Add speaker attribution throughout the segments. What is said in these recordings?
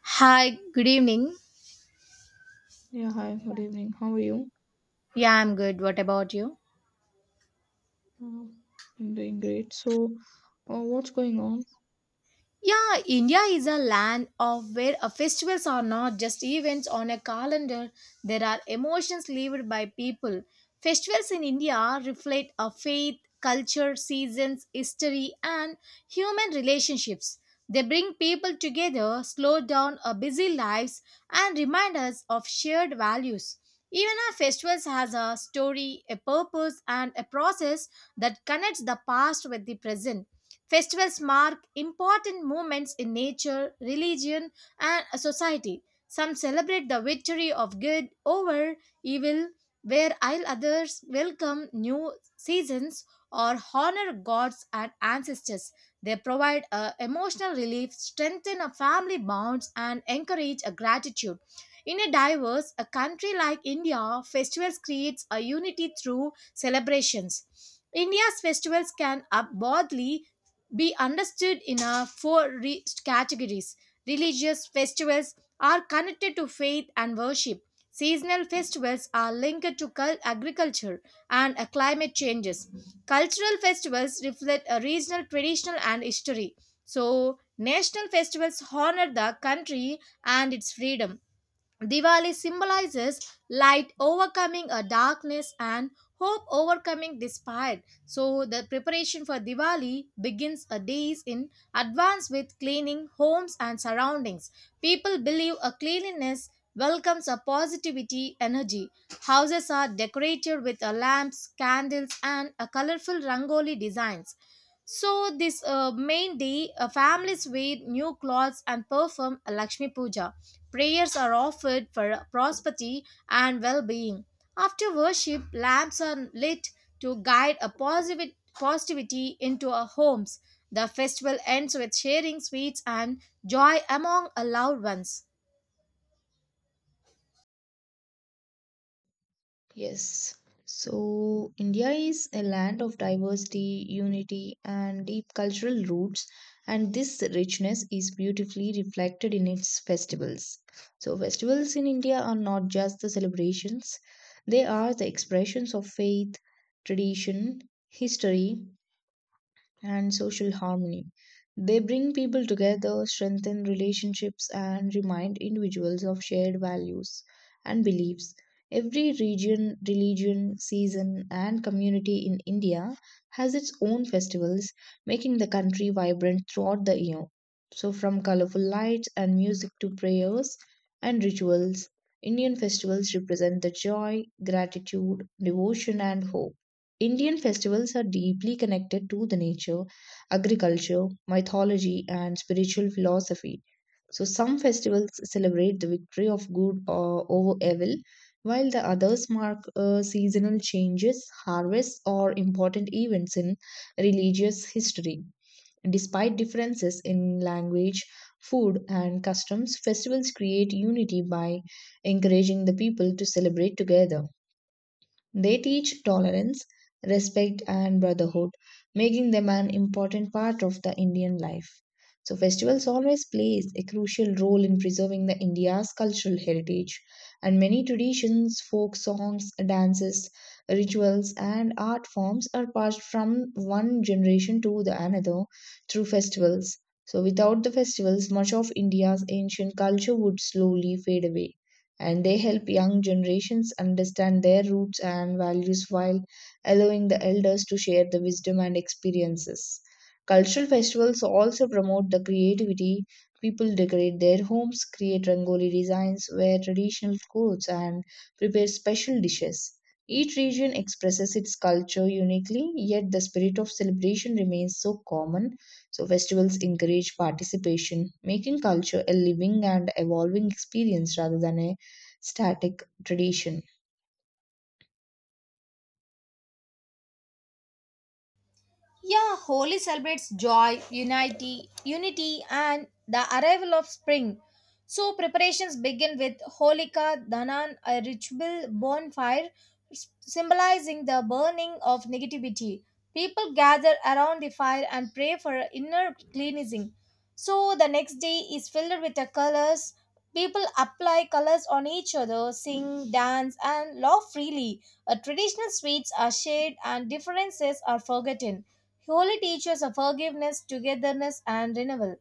Speaker 1: Hi, good evening.
Speaker 2: Yeah, hi, good evening. How are you?
Speaker 1: Yeah, I'm good. What about you?
Speaker 2: Uh, I'm doing great. So, what's going on?
Speaker 1: Yeah, India is a land of where festivals are not just events on a calendar. There are emotions lived by people. Festivals in India reflect a faith, culture, seasons, history, and human relationships. They bring people together, slow down our busy lives, and remind us of shared values. Even our festivals has a story, a purpose, and a process that connects the past with the present. Festivals mark important moments in nature, religion, and society. Some celebrate the victory of good over evil, where while others welcome new seasons or honor gods and ancestors. They provide a emotional relief, strengthen a family bonds, and encourage a gratitude. In a diverse a country like India, festivals creates a unity through celebrations. India's festivals can up broadly be understood in a four categories. Religious festivals are connected to faith and worship. Seasonal festivals are linked to agriculture and climate changes. Cultural festivals reflect a regional traditional and history. So, national festivals honor the country and its freedom. Diwali symbolizes light overcoming a darkness and hope overcoming despair. So the preparation for Diwali begins a days in advance with cleaning homes and surroundings. People believe a cleanliness welcomes a positivity energy. Houses are decorated with a lamps, candles and a colorful rangoli designs. So, this main day, families wear new clothes and perform a Lakshmi Puja. Prayers are offered for prosperity and well being. After worship, lamps are lit to guide a positive positivity into our homes. The festival ends with sharing sweets and joy among our loved ones.
Speaker 2: Yes. So, India is a land of diversity, unity, and deep cultural roots, and this richness is beautifully reflected in its festivals. So, festivals in India are not just the celebrations, they are the expressions of faith, tradition, history, and social harmony. They bring people together, strengthen relationships, and remind individuals of shared values and beliefs. Every region, religion, season, and community in India has its own festivals, making the country vibrant throughout the year. So, from colorful lights and music to prayers and rituals, Indian festivals represent the joy, gratitude, devotion, and hope. Indian festivals are deeply connected to the nature, agriculture, mythology, and spiritual philosophy. So, some festivals celebrate the victory of good over evil, while the others mark seasonal changes, harvests, or important events in religious history. Despite differences in language, food, and customs, festivals create unity by encouraging the people to celebrate together. They teach tolerance, respect, and brotherhood, making them an important part of the Indian life. So, festivals always plays a crucial role in preserving the India's cultural heritage, and many traditions, folk songs, dances, rituals, and art forms are passed from one generation to the another through festivals. So, without the festivals, much of India's ancient culture would slowly fade away and they help young generations understand their roots and values while allowing the elders to share the wisdom and experiences. Cultural festivals also promote the creativity. People decorate their homes, create rangoli designs, wear traditional clothes, and prepare special dishes. Each region expresses its culture uniquely, yet the spirit of celebration remains so common. So, festivals encourage participation, making culture a living and evolving experience rather than a static tradition.
Speaker 1: Yeah, Holi celebrates joy, unity, and the arrival of spring. So preparations begin with Holika Danan, a ritual bonfire symbolizing the burning of negativity. People gather around the fire and pray for inner cleansing. So the next day is filled with the colors. People apply colors on each other, sing, dance, and laugh freely. Traditional sweets are shared, and differences are forgotten. Holy teaches of forgiveness, togetherness, and renewal.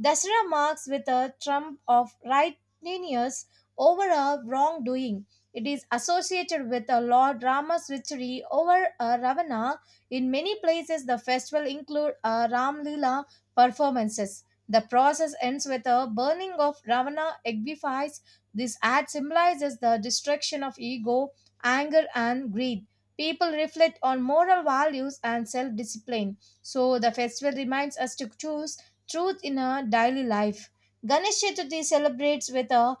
Speaker 1: Dasra marks with a trump of righteousness over a wrongdoing. It is associated with a Lord Rama's victory over a Ravana. In many places, the festival includes a Ram Lila performances. The process ends with a burning of Ravana eggifies. This act symbolizes the destruction of ego, anger, and greed. People reflect on moral values and self discipline. So, the festival reminds us to choose truth in our daily life. Ganesh Chaturthi celebrates with the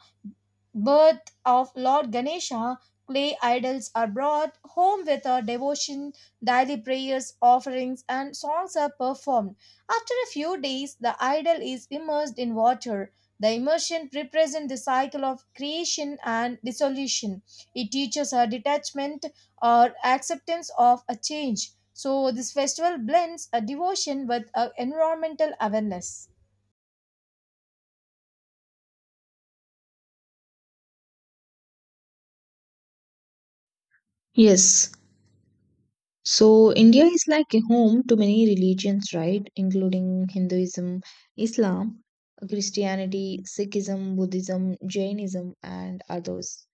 Speaker 1: birth of Lord Ganesha. Clay idols are brought home with a devotion, daily prayers, offerings, and songs are performed. After a few days, the idol is immersed in water. The immersion represents the cycle of creation and dissolution. It teaches a detachment or acceptance of a change. So, this festival blends a devotion with a environmental awareness.
Speaker 2: Yes. So India is like a home to many religions, right? Including Hinduism, Islam, Christianity, Sikhism, Buddhism, Jainism, and others.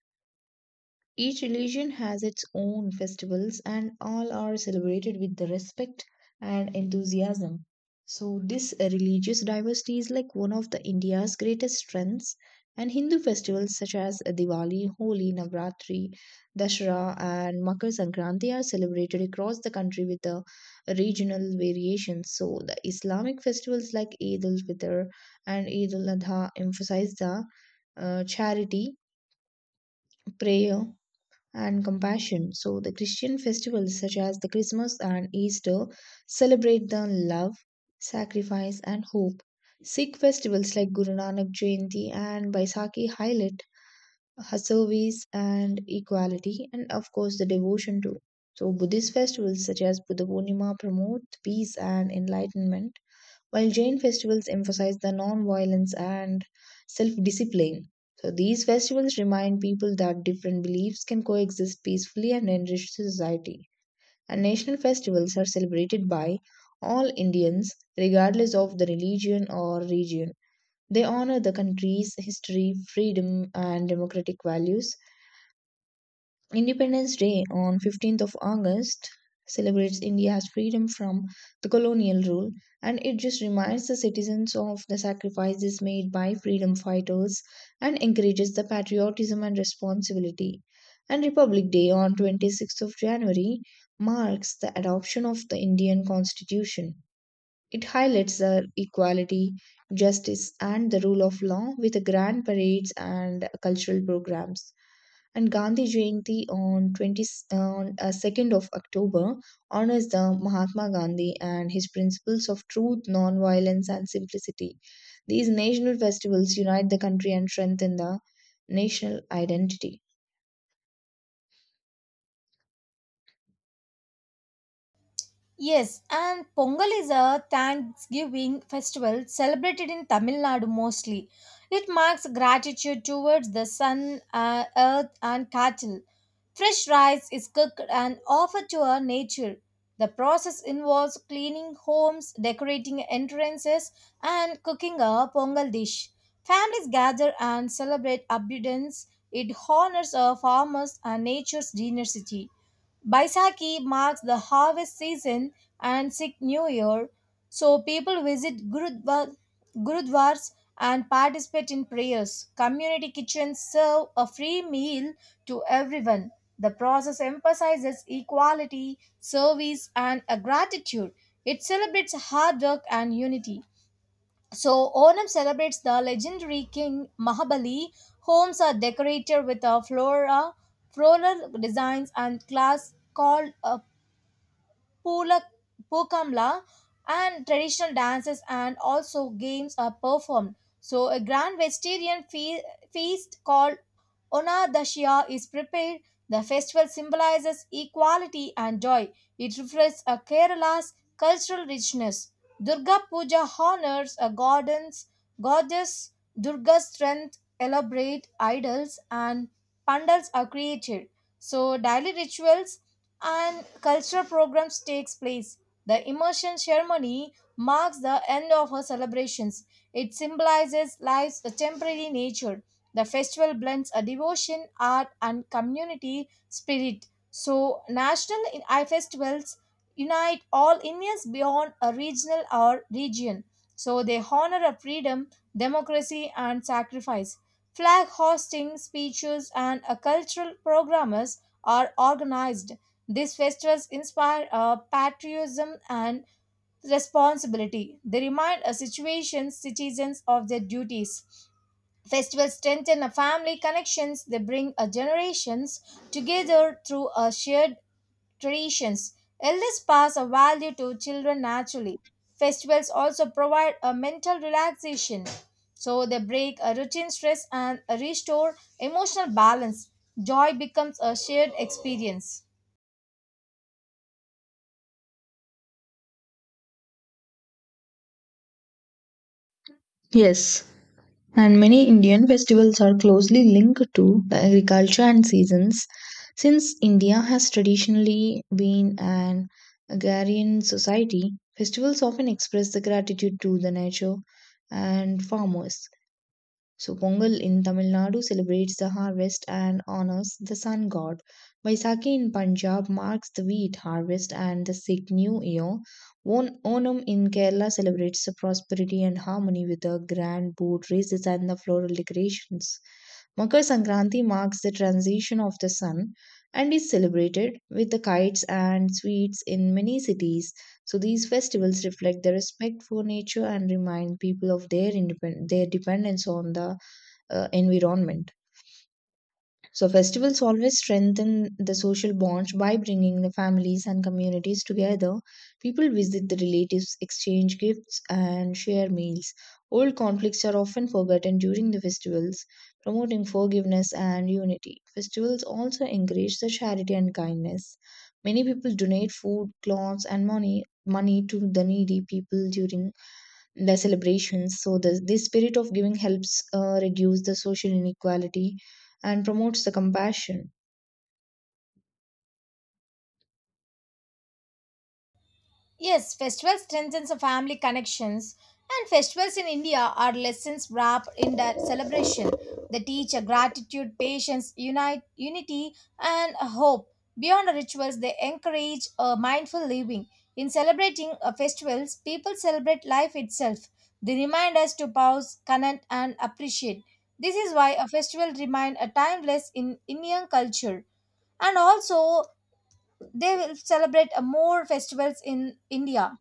Speaker 2: Each religion has its own festivals, and all are celebrated with the respect and enthusiasm. So, this religious diversity is like one of the India's greatest strengths. And Hindu festivals such as Diwali, Holi, Navratri, Dashera, and Makar Sankranti are celebrated across the country with the regional variations. So, the Islamic festivals like Eid al Fitr and Eid al Adha emphasize the charity, prayer, and compassion. So, the Christian festivals such as the Christmas and Easter celebrate the love, sacrifice, and hope. Sikh festivals like Guru Nanak Jayanti and Baisakhi highlight her service and equality, and of course, the devotion too. So, Buddhist festivals such as Buddha Purnima promote peace and enlightenment while Jain festivals emphasize the non-violence and self-discipline. So these festivals remind people that different beliefs can coexist peacefully and enrich society. And national festivals are celebrated by all Indians, regardless of the religion or region. They honor the country's history, freedom, and democratic values. Independence Day on 15th of August celebrates India's freedom from the colonial rule and it just reminds the citizens of the sacrifices made by freedom fighters and encourages the patriotism and responsibility. And Republic Day on 26th of January marks the adoption of the Indian Constitution. It highlights the equality, justice, and the rule of law with grand parades and cultural programs. And Gandhi Jayanti on 2nd of October honors the Mahatma Gandhi and his principles of truth, non-violence, and simplicity. These national festivals unite the country and strengthen the national identity.
Speaker 1: Yes, and Pongal is a Thanksgiving festival celebrated in Tamil Nadu mostly. It marks gratitude towards the sun, earth, and cattle. Fresh rice is cooked and offered to our nature. The process involves cleaning homes, decorating entrances, and cooking a Pongal dish. Families gather and celebrate abundance. It honors our farmers and nature's generosity. Baisakhi marks the harvest season and Sikh New Year, so people visit gurudwars and participate in prayers. Community kitchens serve a free meal to everyone. The process emphasizes equality, service, and a gratitude. It celebrates hard work and unity. So, Onam celebrates the legendary king Mahabali. Homes are decorated with a floral designs and glass called Pula, Pokamla, and traditional dances and also games are performed. So, a grand vegetarian feast called Onadashya is prepared. The festival symbolizes equality and joy. It reflects a Kerala's cultural richness. Durga Puja honors a goddess Durga's strength, elaborate idols, and pandals are created. So, daily rituals and cultural programs takes place. The immersion ceremony marks the end of her celebrations. It symbolizes life's temporary nature. The festival blends a devotion, art, and community spirit. So, national festivals unite all Indians beyond a regional or region. So they honor a freedom, democracy, and sacrifice. Flag hosting, speeches, and a cultural programmers are organized. These festivals inspire patriotism and responsibility. They remind a situation citizens of their duties. Festivals strengthen a family connections. They bring a generations together through a shared traditions. Elders pass a value to children naturally. Festivals also provide a mental relaxation. So they break a routine stress and restore emotional balance. Joy becomes a shared experience.
Speaker 2: Yes, and many Indian festivals are closely linked to the agriculture and seasons. Since India has traditionally been an agrarian society, festivals often express the gratitude to the nature and farmers. So Pongal in Tamil Nadu celebrates the harvest and honors the sun god. Baisakhi in Punjab marks the wheat harvest and the Sikh New Year. Onam in Kerala celebrates the prosperity and harmony with the grand boat races and the floral decorations. Makar Sankranti marks the transition of the sun and is celebrated with the kites and sweets in many cities. So these festivals reflect the respect for nature and remind people of their their dependence on the environment. So, festivals always strengthen the social bonds by bringing the families and communities together. People visit the relatives, exchange gifts, and share meals. Old conflicts are often forgotten during the festivals, promoting forgiveness and unity. Festivals also encourage the charity and kindness. Many people donate food, clothes, and money to the needy people during the celebrations. So this spirit of giving helps reduce the social inequality and promotes the compassion.
Speaker 1: Yes, festivals strengthens the family connections and festivals in India are lessons wrapped in the celebration. They teach a gratitude, patience, unity and a hope. Beyond the rituals, they encourage a mindful living. In celebrating festivals, people celebrate life itself. They remind us to pause, connect and appreciate. This is why a festival remains a timeless in Indian culture and also they will celebrate more festivals in India.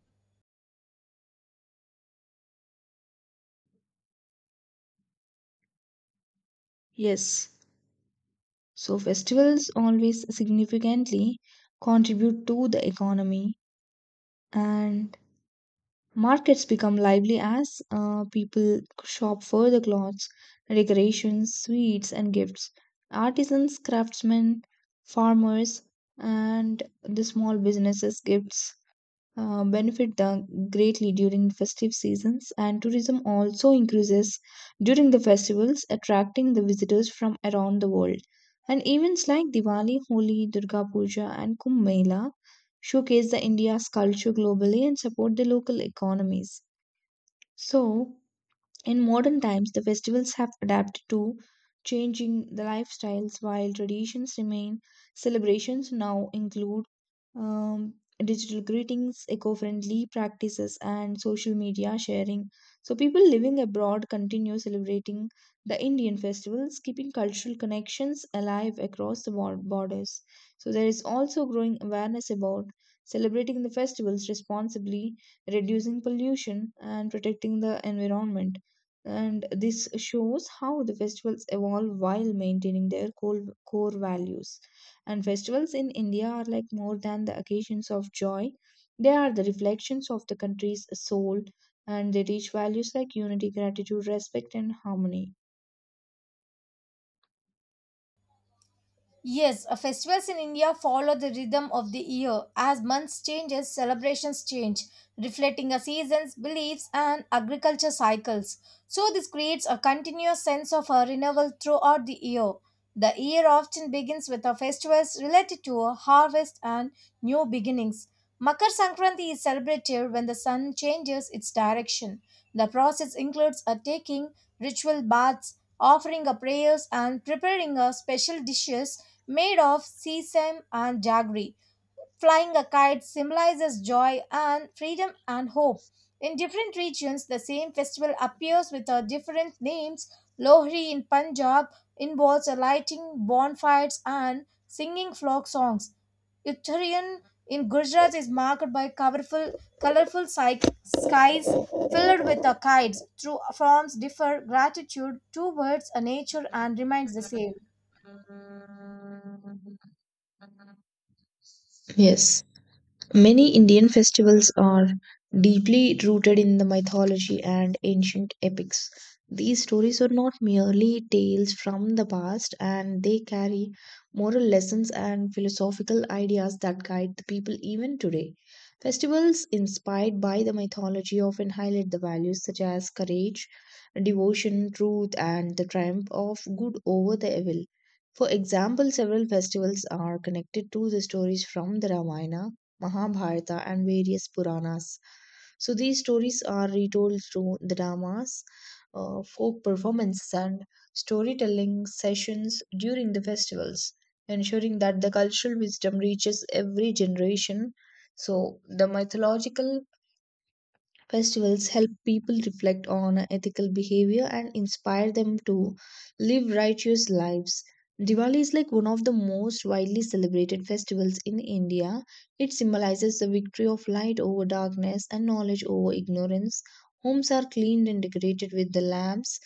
Speaker 2: Yes, so festivals always significantly contribute to the economy, and markets become lively as people shop for the clothes, decorations, sweets, and gifts. Artisans, craftsmen, farmers, and the small businesses gifts benefit the greatly during festive seasons and tourism also increases during the festivals, attracting the visitors from around the world, and events like Diwali, Holi, Durga Puja, and Kumbh Mela showcase the India's culture globally and support the local economies. So in modern times, the festivals have adapted to changing the lifestyles while traditions remain. Celebrations now include um, digital greetings, eco friendly practices, and social media sharing. So, people living abroad continue celebrating the Indian festivals, keeping cultural connections alive across the borders. So, there is also growing awareness about celebrating the festivals responsibly, reducing pollution, and protecting the environment, and this shows how the festivals evolve while maintaining their core values, and festivals in India are like more than the occasions of joy. They are the reflections of the country's soul, and they teach values like unity, gratitude, respect, and harmony.
Speaker 1: Yes, festivals in India follow the rhythm of the year. As months changes, celebrations change, reflecting a season's beliefs and agriculture cycles. So this creates a continuous sense of a renewal throughout the year. The year often begins with a festivals related to a harvest and new beginnings. Makar Sankranti is celebrated when the sun changes its direction. The process includes a taking ritual baths, offering a prayers and preparing a special dishes made of sesame and jaggery. Flying a kite symbolizes joy and freedom and hope. In different regions, the same festival appears with different names. Lohri in Punjab involves lighting bonfires and singing folk songs. Uttarayan in Gujarat is marked by colorful, skies filled with kites. Through forms differ gratitude towards nature and remains the same.
Speaker 2: Yes. Many Indian festivals are deeply rooted in the mythology and ancient epics. These stories are not merely tales from the past, and they carry moral lessons and philosophical ideas that guide the people even today. Festivals inspired by the mythology often highlight the values such as courage, devotion, truth, and the triumph of good over the evil. For example, several festivals are connected to the stories from the Ramayana, Mahabharata, and various Puranas. So these stories are retold through the dramas, folk performances, and storytelling sessions during the festivals, ensuring that the cultural wisdom reaches every generation. So the mythological festivals help people reflect on ethical behavior and inspire them to live righteous lives. Diwali is like one of the most widely celebrated festivals in India. It symbolizes the victory of light over darkness and knowledge over ignorance. Homes are cleaned and decorated with the lamps,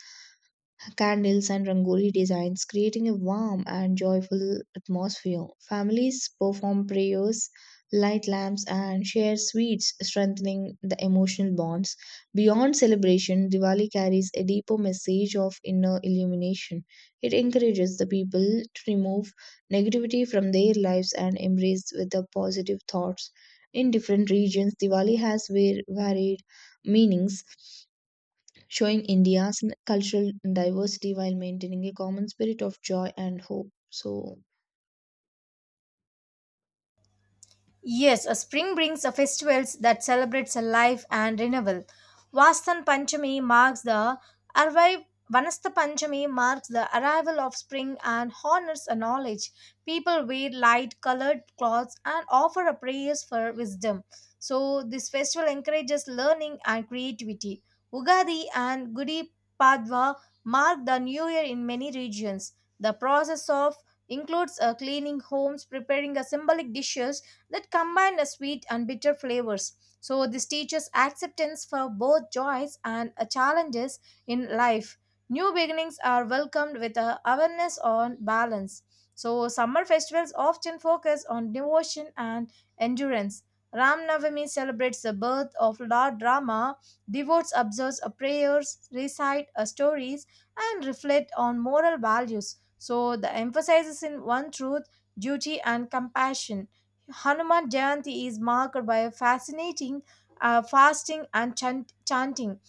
Speaker 2: candles, and rangoli designs, creating a warm and joyful atmosphere. Families perform prayers, light lamps, and share sweets, strengthening the emotional bonds. Beyond celebration, Diwali carries a deeper message of inner illumination. It encourages the people to remove negativity from their lives and embrace with the positive thoughts. In different regions, Diwali has varied meanings, showing India's cultural diversity while maintaining a common spirit of joy and hope. So,
Speaker 1: Yes, a spring brings a festivals that celebrates a life and renewal. Vastan Panchami marks the arrival Vanasta Panchami marks the arrival of spring and honors a knowledge. People wear light colored clothes and offer a prayers for wisdom. So this festival encourages learning and creativity. Ugadi and Gudi Padwa mark the new year in many regions. The process of includes a cleaning homes, preparing a symbolic dishes that combine a sweet and bitter flavors. So this teaches acceptance for both joys and challenges in life. New beginnings are welcomed with a awareness on balance. So summer festivals often focus on devotion and endurance. Ram Navami celebrates the birth of Lord Rama. Devotees observe a prayers, recite a stories, and reflect on moral values. So the emphasis is in one truth, duty, and compassion. Hanuman Jayanti is marked by a fascinating fasting and chanting.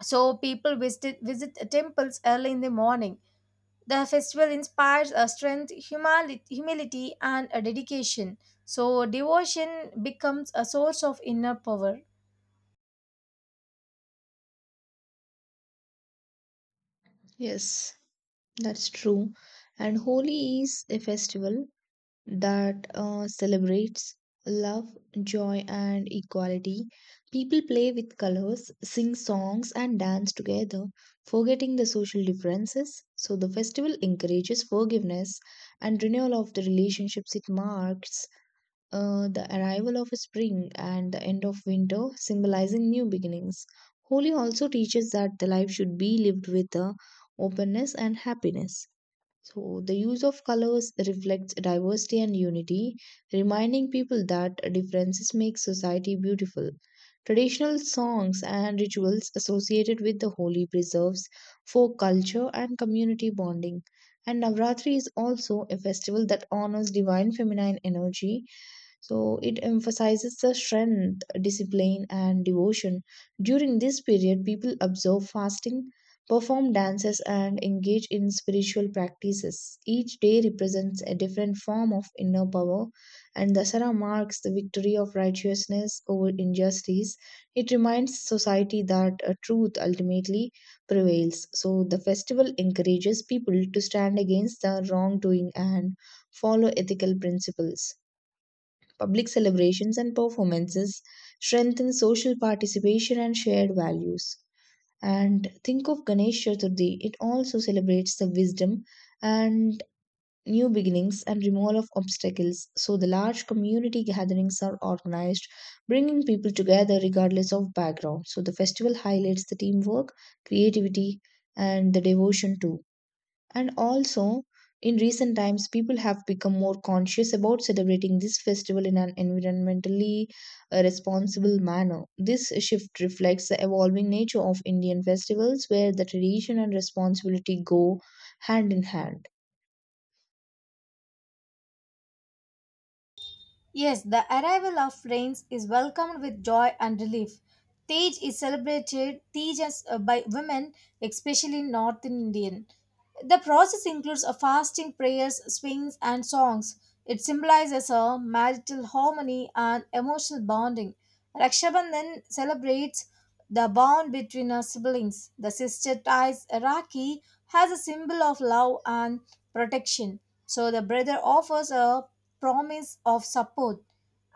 Speaker 1: So people visit temples early in the morning. The festival inspires a strength, humility, and a dedication. So devotion becomes a source of inner power.
Speaker 2: yes, that's true. And Holi is a festival that celebrates love, joy, and equality. People play with colors, sing songs, and dance together, forgetting the social differences. So, the festival encourages forgiveness and renewal of the relationships. It marks the arrival of spring and the end of winter, symbolizing new beginnings. Holi also teaches that the life should be lived with openness and happiness. So, the use of colors reflects diversity and unity, reminding people that differences make society beautiful. Traditional songs and rituals associated with the Holi preserves folk culture and community bonding. And Navratri is also a festival that honors divine feminine energy, so it emphasizes the strength, discipline, and devotion. During this period, people observe fasting, perform dances, and engage in spiritual practices. Each day represents a different form of inner power, and Dasara marks the victory of righteousness over injustice. It reminds society that truth ultimately prevails. So the festival encourages people to stand against the wrongdoing and follow ethical principles. Public celebrations and performances strengthen social participation and shared values. And think of Ganesh Chaturthi, it also celebrates the wisdom and new beginnings and removal of obstacles. So, the large community gatherings are organized, bringing people together regardless of background. So, the festival highlights the teamwork, creativity, and the devotion too. And also, in recent times, people have become more conscious about celebrating this festival in an environmentally responsible manner. This shift reflects the evolving nature of Indian festivals, where the tradition and responsibility go hand in hand.
Speaker 1: Yes, the arrival of rains is welcomed with joy and relief. Tej is celebrated Tej as, by women, especially in northern Indian. The process includes a fasting, prayers, swings, and songs. It symbolizes a marital harmony and emotional bonding. Rakshabandhan celebrates the bond between our siblings. The sister ties Rakhi as a symbol of love and protection. So the brother offers a promise of support,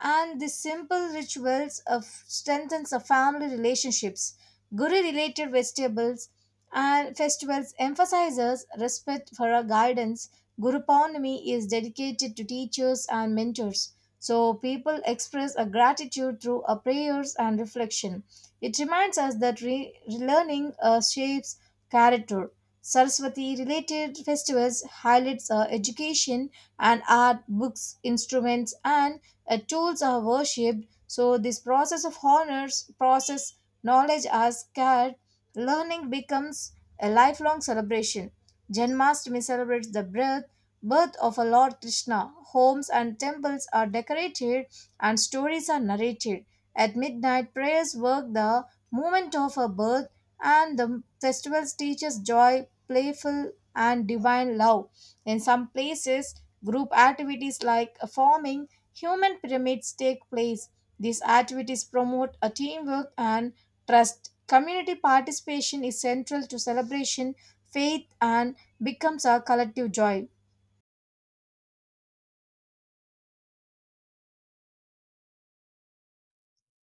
Speaker 1: and these simple rituals of strengthens the family relationships. Guru-related vegetables and festivals emphasizes respect for our guidance. Guru Purnami is dedicated to teachers and mentors. So people express a gratitude through a prayers and reflection. It reminds us that learning shapes character. Saraswati related festivals highlights education and art, books, instruments, and tools are worshipped. So this process of honors, process knowledge are scared, learning becomes a lifelong celebration. Janmashtami celebrates the birth of a Lord Krishna. Homes and temples are decorated and stories are narrated. At midnight, prayers work the moment of her birth and the festivals teach us joy, playful and divine love. In some places, group activities like forming human pyramids take place. These activities promote a teamwork and trust. Community participation is central to celebration, faith, and becomes a collective joy.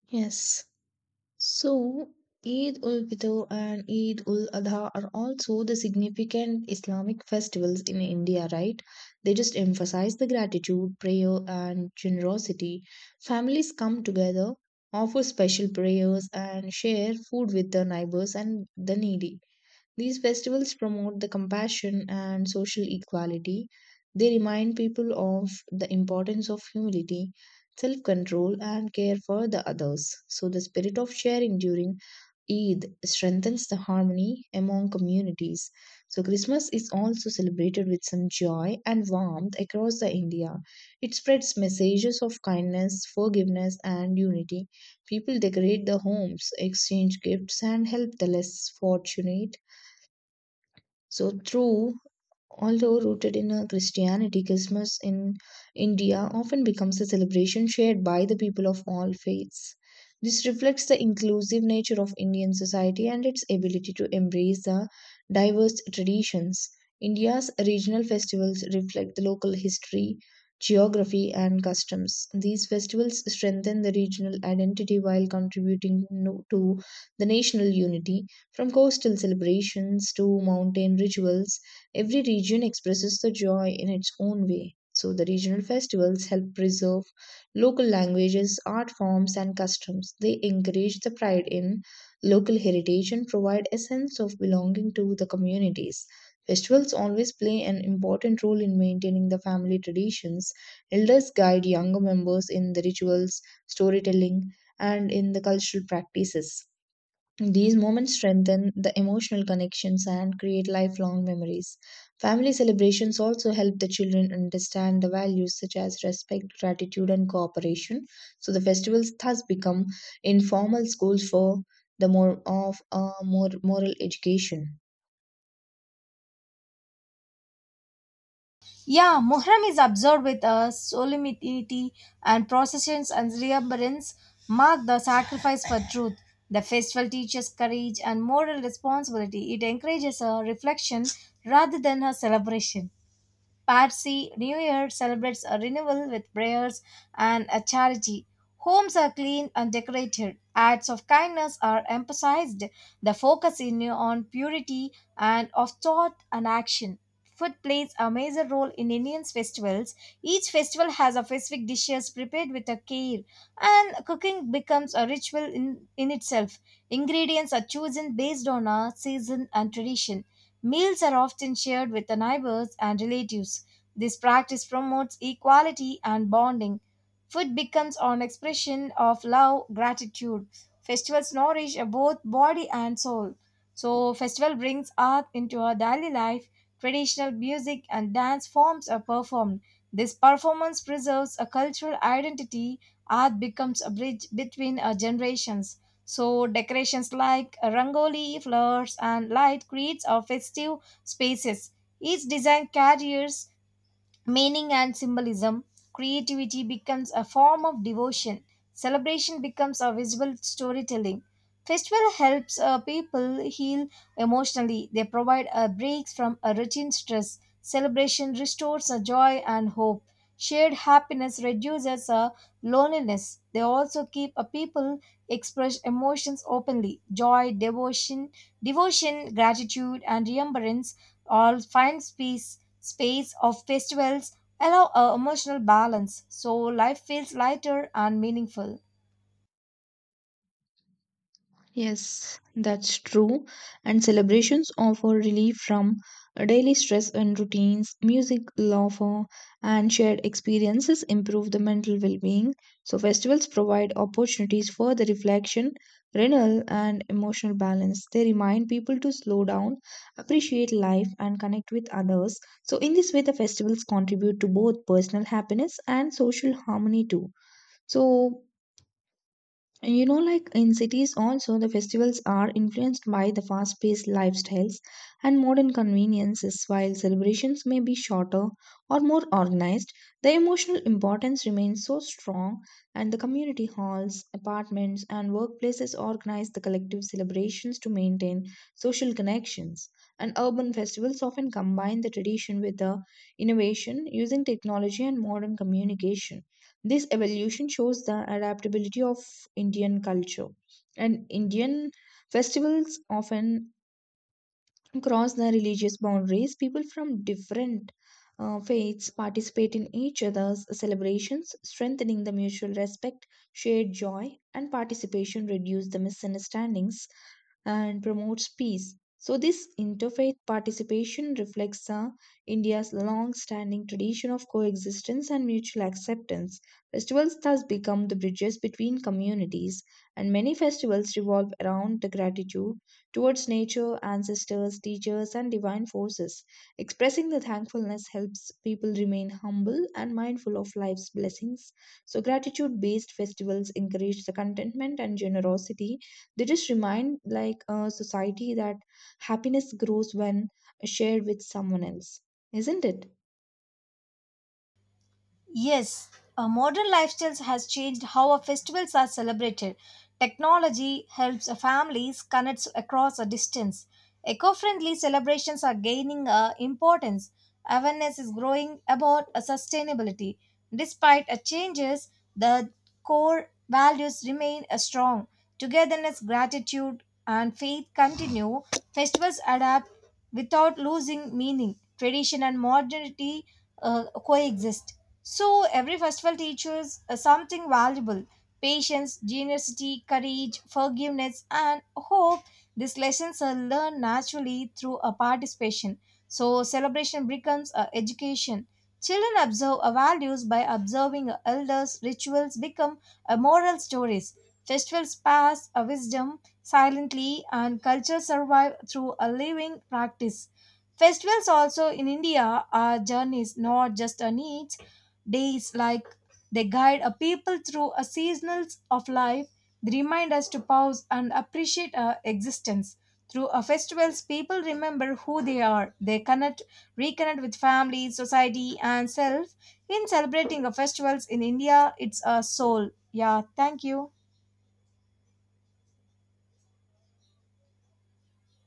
Speaker 2: Yes. So, Eid ul Fitr and Eid ul Adha are also the significant Islamic festivals in India, right? They just emphasize the gratitude, prayer, and generosity. Families come together, offer special prayers, and share food with their neighbors and the needy. These festivals promote the compassion and social equality. They remind people of the importance of humility, self control, and care for the others. So, the spirit of sharing during Eid strengthens the harmony among communities. So, Christmas is also celebrated with some joy and warmth across the India. It spreads messages of kindness, forgiveness, and unity. People decorate the homes, exchange gifts, and help the less fortunate. So, true, although rooted in Christianity, Christmas in India often becomes a celebration shared by the people of all faiths. This reflects the inclusive nature of Indian society and its ability to embrace the diverse traditions. India's regional festivals reflect the local history, geography, and customs. These festivals strengthen the regional identity while contributing to the national unity. From coastal celebrations to mountain rituals, every region expresses the joy in its own way. So, the regional festivals help preserve local languages, art forms, and customs. They encourage the pride in local heritage and provide a sense of belonging to the communities. Festivals always play an important role in maintaining the family traditions. Elders guide younger members in the rituals, storytelling, and in the cultural practices. These moments strengthen the emotional connections and create lifelong memories. Family celebrations also help the children understand the values such as respect, gratitude, and cooperation. So the festivals thus become informal schools for the more moral education.
Speaker 1: Yeah, Muharram is observed with a solemnity and processions and remembrance mark the sacrifice for truth. The festival teaches courage and moral responsibility. It encourages a reflection rather than a celebration. Parsi New Year celebrates a renewal with prayers and a charity. Homes are cleaned and decorated. Acts of kindness are emphasized. The focus is new on purity and of thought and action. Food plays a major role in Indian festivals. Each festival has a specific dishes prepared with a care, and cooking becomes a ritual in itself. Ingredients are chosen based on a season and tradition. Meals are often shared with the neighbors and relatives. This practice promotes equality and bonding. Food becomes an expression of love, gratitude. Festivals nourish both body and soul. So, festival brings art into our daily life. Traditional music and dance forms are performed. This performance preserves a cultural identity. Art becomes a bridge between our generations. So decorations like rangoli, flowers, and light creates our festive spaces. Each design carries meaning and symbolism, creativity becomes a form of devotion, celebration becomes a visual storytelling. Festival helps people heal emotionally. They provide a break from a routine stress. Celebration restores a joy and hope. Shared happiness reduces a loneliness. They also keep a people express emotions openly. Joy, devotion, gratitude, and remembrance or find space of festivals allow a emotional balance so life feels lighter and meaningful.
Speaker 2: Yes, that's true. And celebrations offer relief from daily stress and routines. Music, laughter, and shared experiences improve the mental well being. So, festivals provide opportunities for the reflection, renewal, and emotional balance. They remind people to slow down, appreciate life, and connect with others. So, in this way, the festivals contribute to both personal happiness and social harmony, too. So, and you know, like in cities, also the festivals are influenced by the fast paced lifestyles and modern conveniences. While celebrations may be shorter or more organized, the emotional importance remains so strong, and the community halls, apartments, and workplaces organize the collective celebrations to maintain social connections. And urban festivals often combine the tradition with the innovation, using technology and modern communication. This evolution shows the adaptability of Indian culture, and Indian festivals often cross the religious boundaries. People from different faiths participate in each other's celebrations, strengthening the mutual respect, shared joy, and participation reduce the misunderstandings and promotes peace. So, this interfaith participation reflects India's long standing tradition of coexistence and mutual acceptance. Festivals thus become the bridges between communities, and many festivals revolve around the gratitude towards nature, ancestors, teachers, and divine forces. Expressing the thankfulness helps people remain humble and mindful of life's blessings. So, gratitude based festivals encourage the contentment and generosity. They just remind, like, society that happiness grows when shared with someone else, isn't it?
Speaker 1: Yes, modern lifestyles has changed how our festivals are celebrated. Technology helps families connect across a distance. Eco-friendly celebrations are gaining importance. Awareness is growing about sustainability. Despite changes, the core values remain strong. Togetherness, gratitude, and faith continue. Festivals adapt without losing meaning. Tradition and modernity coexist, so every festival teaches something valuable: patience, generosity, courage, forgiveness, and hope. These lessons are learned naturally through a participation. So celebration becomes a education. Children observe our values by observing our elders. Rituals become a moral stories. Festivals pass a wisdom silently, and culture survive through a living practice. Festivals also in India are journeys, not just a need days like they guide a people through a seasonals of life. They remind us to pause and appreciate our existence. Through our festivals people remember who they are, they connect reconnect with family, society and self. In celebrating the festivals in India, it's a soul. Yeah, thank you.